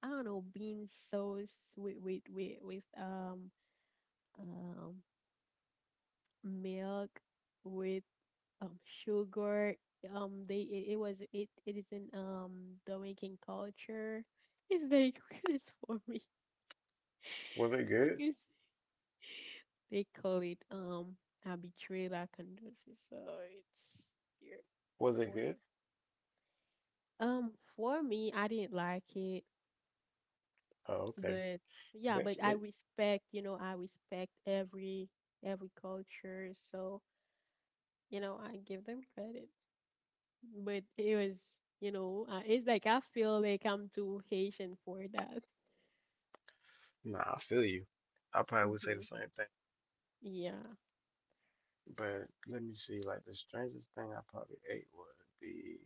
I don't know, bean sauce with um milk with um sugar. They it, it was it it is in Dominican culture. It's very *laughs* weirdest for me
was it good?
because they call it habitrela condosis. So it's weird
Was it
for
good?
um for me. I didn't like it,
Oh, okay.
but yeah,
That's
but
it.
I respect. You know, I respect every culture. So I give them credit. But it was, it's like I feel like I'm too Haitian for that.
Nah, I feel you. I probably would say the
Hmm.
same thing.
Yeah.
But let me see, like the strangest thing I probably ate would be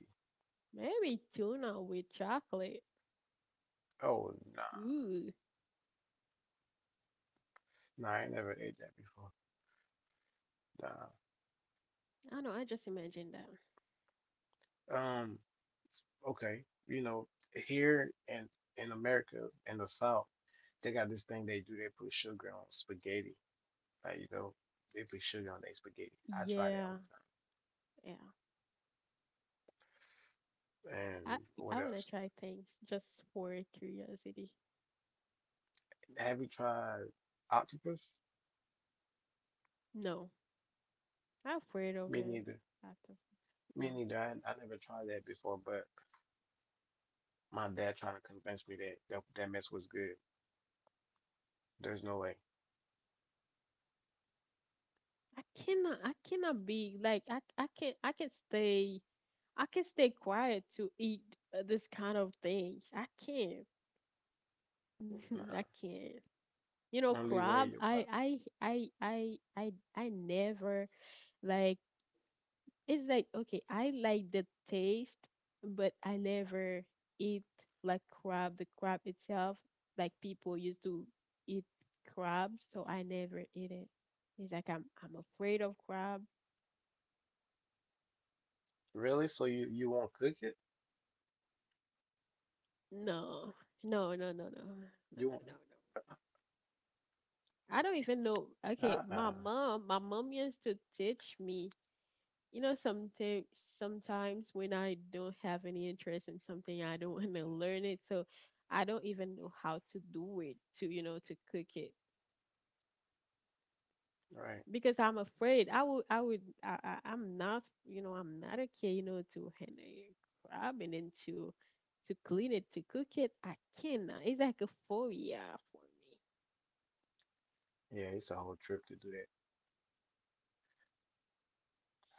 Maybe tuna with chocolate.
oh nah.
Ooh.
Nah, I ain't never ate that before.
I know, I just imagined that.
Nah. Okay. You know, here in America, in the South, they got this thing they do, they put sugar on spaghetti. Like, you know, they put sugar on their spaghetti. I tried that
Yeah.
one
Yeah.
time. And
I
what
I wanna
else?
try things just for curiosity.
Have you tried octopus?
No. I'm afraid of
Me
it.
neither.
After.
Me
No.
neither. I never tried that before, but my dad trying to convince me that that mess was good. There's no way.
I cannot be like I can stay I can stay quiet to eat this kind of things. I can't. *laughs* I
Nah.
can't. You know,
Only way
crab.
your
I
pop.
I I I I I never like. It's like okay, I like the taste, but I never eat like crab. The crab itself, like people used to eat crab, so I never eat it. It's like I'm afraid of crab.
Really? So you won't cook it?
No, no,
You
no,
won't?
no, no, no, no, no. I don't even
Uh-uh.
know. Okay, my mom used to teach me. You know, sometimes when I don't have any interest in something, I don't want to learn it, so I don't even know how to do it to you know to cook it
Right.
because I'm afraid I would I'm not I'm not okay to handle crab and then to clean it to cook it I cannot. It's like a phobia for me.
Yeah, it's a whole trip to do that.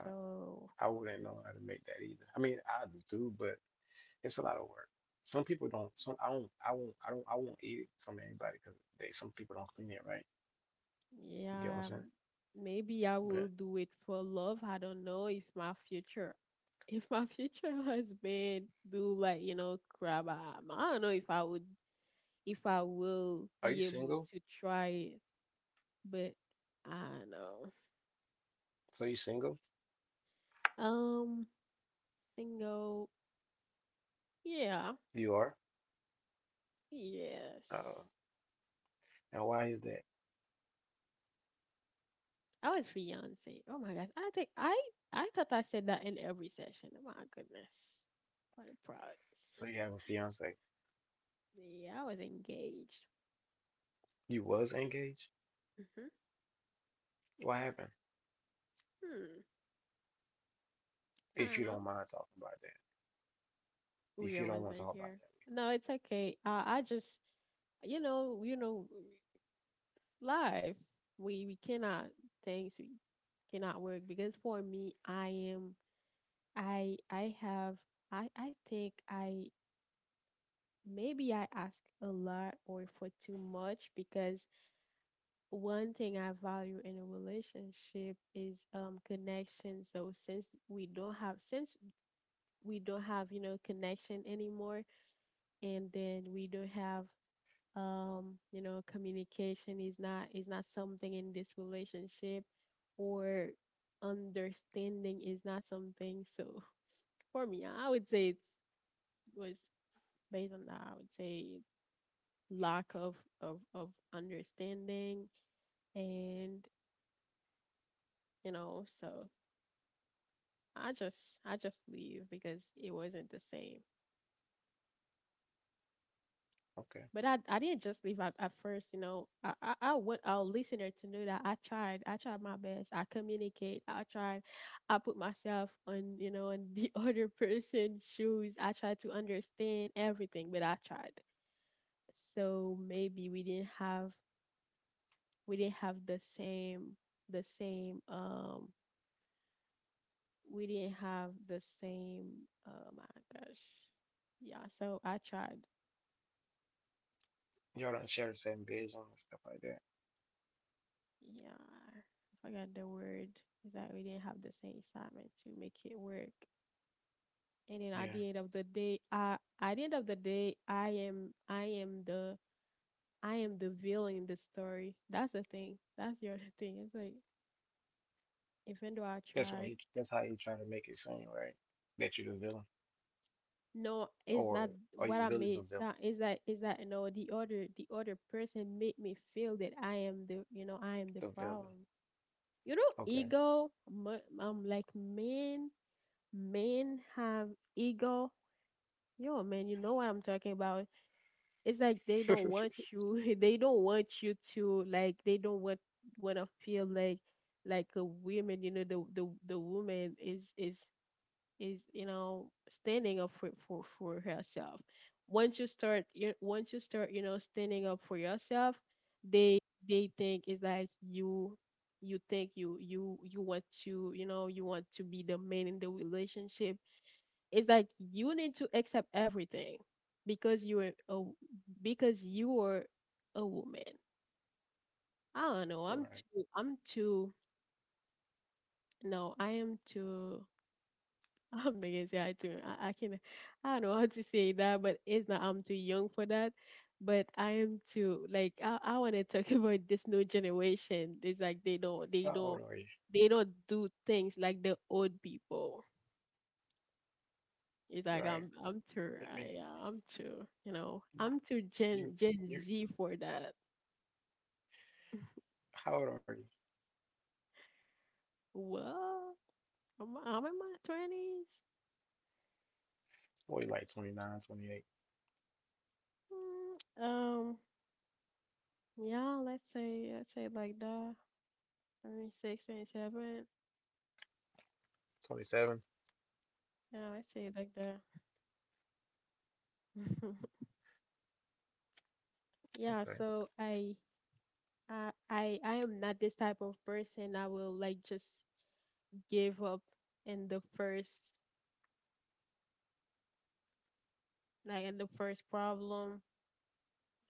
So,
I wouldn't know how to make that either. I mean, I do, but it's a lot of work. Some people don't. Some I don't. I won't. I don't. I won't eat it from anybody because they. Some people don't clean it right. You get what I'm
yeah,
saying?
maybe I will
But
do it for love. I don't know if my future *laughs* if my future *laughs* husband do like, you know, grab I don't know if I
are
will
you
be
single?
able to try it, but I don't know.
So you single?
Um, single. Yeah.
You are.
Yes.
Uh, and why is that?
I was fiance. Oh my gosh. I thought I said that in every session. Oh my goodness. What a prize.
So you have a fiance?
Yeah, I was engaged.
You was engaged?
Hmm.
What happened?
Hmm. I
If
don't
you
know.
don't mind talking about that. If
Weird
you don't
ones
want to
in
talk about
here.
that.
No, it's okay. I just, you know, you know, life. We cannot things we cannot work because for me, I am, I have, I think I maybe I ask a lot or for too much because one thing I value in a relationship is connection. So since we don't have connection anymore, and then we don't have communication is not something in this relationship or understanding is not something. So *laughs* for me I would say it was based on that. I would say lack of understanding and so I just leave because it wasn't the same.
Okay.
But I didn't just leave at first. I want our listener to know that I tried. I tried my best. I communicate. I tried. I put myself on the *laughs* other person's shoes. I tried to understand everything, but I tried. So maybe we didn't have the same we didn't have the same, oh my gosh. Yeah, so I tried.
Y'all don't share the same vision and stuff like that.
Yeah, I forgot the word. Is that we didn't have the same assignment to make it work. And then at
Yeah.
the end of the day, I am the villain in the story. That's the thing. That's the other thing. It's like even though I
That's why
tried,
he, that's how you trying to make it seem, right? That you're the villain.
no, it's
Or
not
are
what
you
I
really the
made.
villain?
So it's that the other person made me feel that I am the
The villain.
problem. You know,
Okay.
ego. I'm like man men have ego. Yo, man, you know what I'm talking about. It's like they don't want
*laughs*
you. *laughs* They don't want you to like. They don't want to feel like a woman. You know, the woman is standing up for herself. Once you start, standing up for yourself, they they think it's like you think you want to be the man in the relationship. It's like you need to accept everything because you are a because you are a woman. I don't know.
All
I'm
right.
too. I'm too. No, I am too. *laughs* I'm not gonna say I too. I can. I don't know how to say that, but it's not. I'm too young for that. But I am too. Like I want to talk *laughs* about this new generation. It's like they don't. They
How old
don't.
are you?
They don't do things like the old people.
All
It's
right.
like I'm
Let
too
me
I, yeah, I'm too you know I'm too
you
Gen
you
Gen Z for that.
how old are you?
Well, I'm in my twenties.
Well, you like 29, 28,
Mm, um, yeah, let's say like that. 26, 27.
27.
Yeah, let's say like that. *laughs* yeah,
Okay.
so I am not this type of person. I will like just give up in the first in the first problem.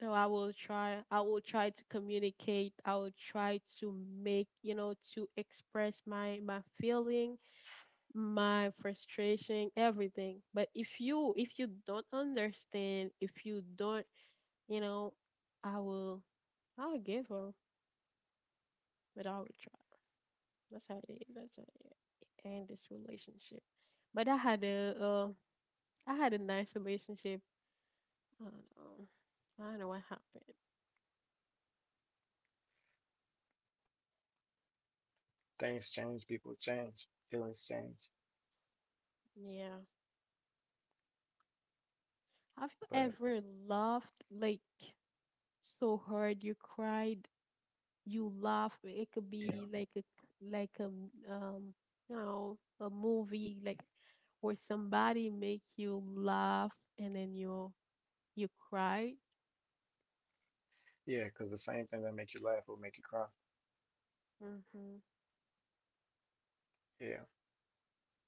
So I will try to communicate. I will try to make, you know, to express my feeling, my frustration, everything. But if you don't understand, if you don't, you know, I will I'll give up, but I will try. That's how it is. That's how it end this relationship. But I had a I had a nice relationship. I don't know. I don't know what happened.
Things change, people change, feelings change.
Yeah.
But
Have you ever laughed like so hard you cried, you laughed? It could
yeah.
be like a um you know, a movie, like, or somebody make you laugh and then you cry.
Yeah, because the same thing that make you laugh will make you cry.
Mm. Mhm.
Yeah.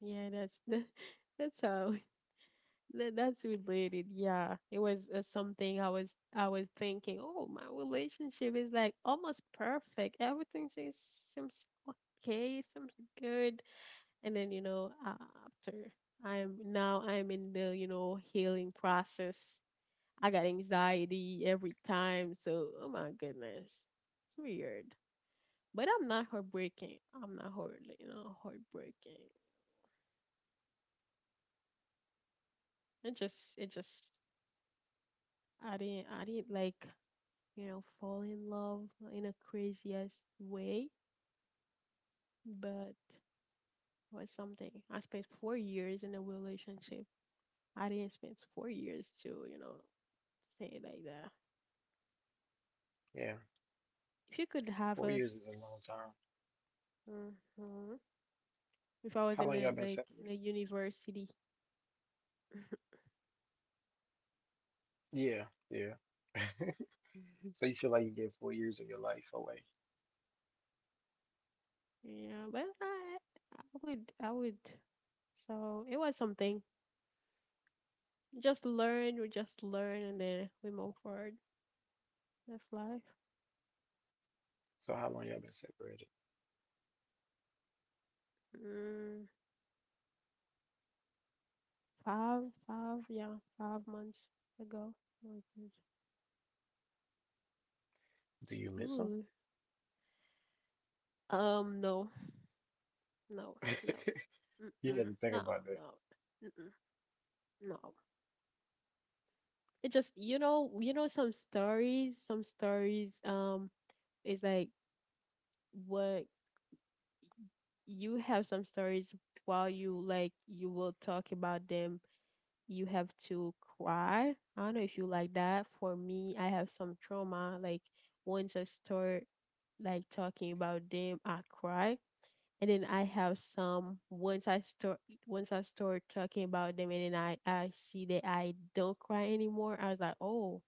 Yeah, that's the, *laughs* that's how *laughs* that's related. Yeah, it was something I was thinking. Oh, my relationship is like almost perfect. Everything seems okay, seems good, and then, you know, after, I'm in the, you know, healing process. I got anxiety every time, so oh my goodness, it's weird, but I'm not heartbreaking. I'm not heart, you know, heartbreaking. It just, I didn't like, you know, fall in love in a craziest way, but it was something. I spent 4 years in a relationship. I didn't spend 4 years to, you know, say it like that.
Yeah,
If you could have
four
us,
years is a long time.
uh if I was
How
in
long
a
y'all been
like in a
separated?
university.
Yeah, yeah. *laughs* So you
*laughs*
feel like you gave 4 years of your life away.
Yeah, but I would. So it was something. We just learn, and then we move forward. That's life.
So how long y'all been separated?
Mm, five, 5 months ago. Oh, geez.
Do you miss them?
Ooh. No, No, No,
*laughs* You had to
mm-mm,
think about that.
no, mm-mm, no. It just, you know, some stories, is like what. You have some stories while you like you will talk about them, you have to cry. I don't know if you like that. For me, I have some trauma. Like once I start like talking about them, I cry. And then I have some, once I start talking about them, and then I see that I don't cry anymore. I was like, oh,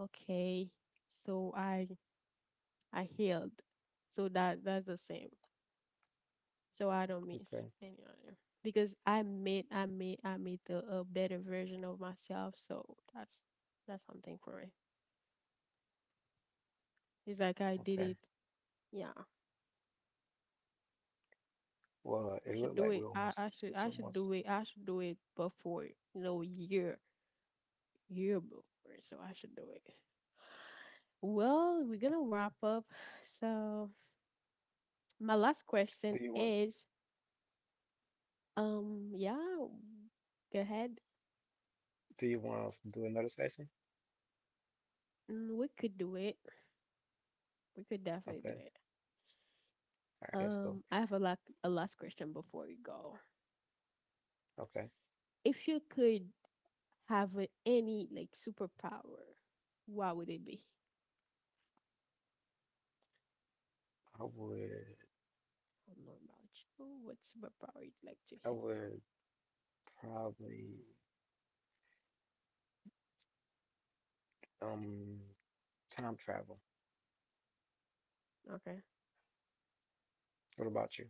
okay. So I healed. So that's the same. So I don't miss
Okay,
anyone, because I made a better version of myself. So that's that's something for me. It's like I did
okay.
it. Yeah,
Well,
I
it
should
looked
do
like we
it.
almost, it's
I should
almost.
do it. I should do it before, you know, year before. So I should do it. Well, we're gonna wrap up. So my last
Do
question
you want,
is, yeah, go ahead.
do you want us to do another session?
Mm, we could do it. We could definitely
Okay, all
do it.
right, let's go.
I have a lot, a last question before we go.
Okay,
If you could have a, any like superpower, what would it be?
I would,
I don't know about you. What superpower you'd like to
I
have?
would probably, um, time travel.
Okay,
What about you?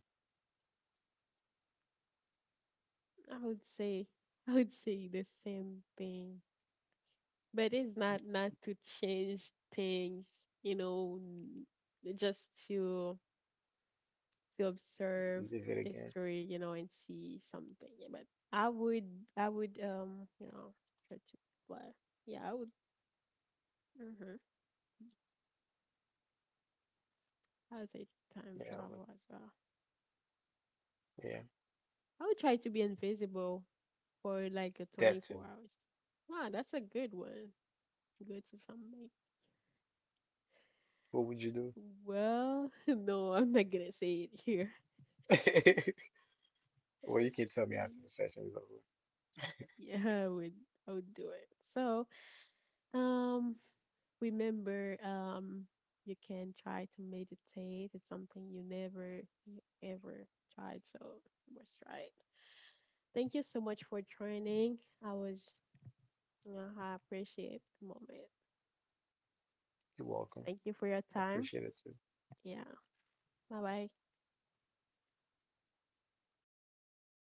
I would say I would say the same thing, but it's not, not to change things, you know, just to observe
You did it again?
history, you know, and see something. Yeah. But I would, I would, you know, try to fly. Yeah, I would. Hmm. I would say time
Yeah, I would.
travel as well.
Yeah,
I would try to be invisible for like a
that too.
24 hours. Wow, that's a good one. Good to something.
What would you
Well, *laughs* no, I'm not gonna say it here.
do? *laughs* Well, you can tell me after the
*laughs*
session is over.
Yeah, I would. I would do it. So, um, remember, you can try to meditate. It's something you never you ever tried, so you must try it. Thank you so much for joining. I was, you know, I appreciate the moment.
You're welcome.
Thank you for
I
your
appreciate
time.
it too.
Yeah. Bye bye.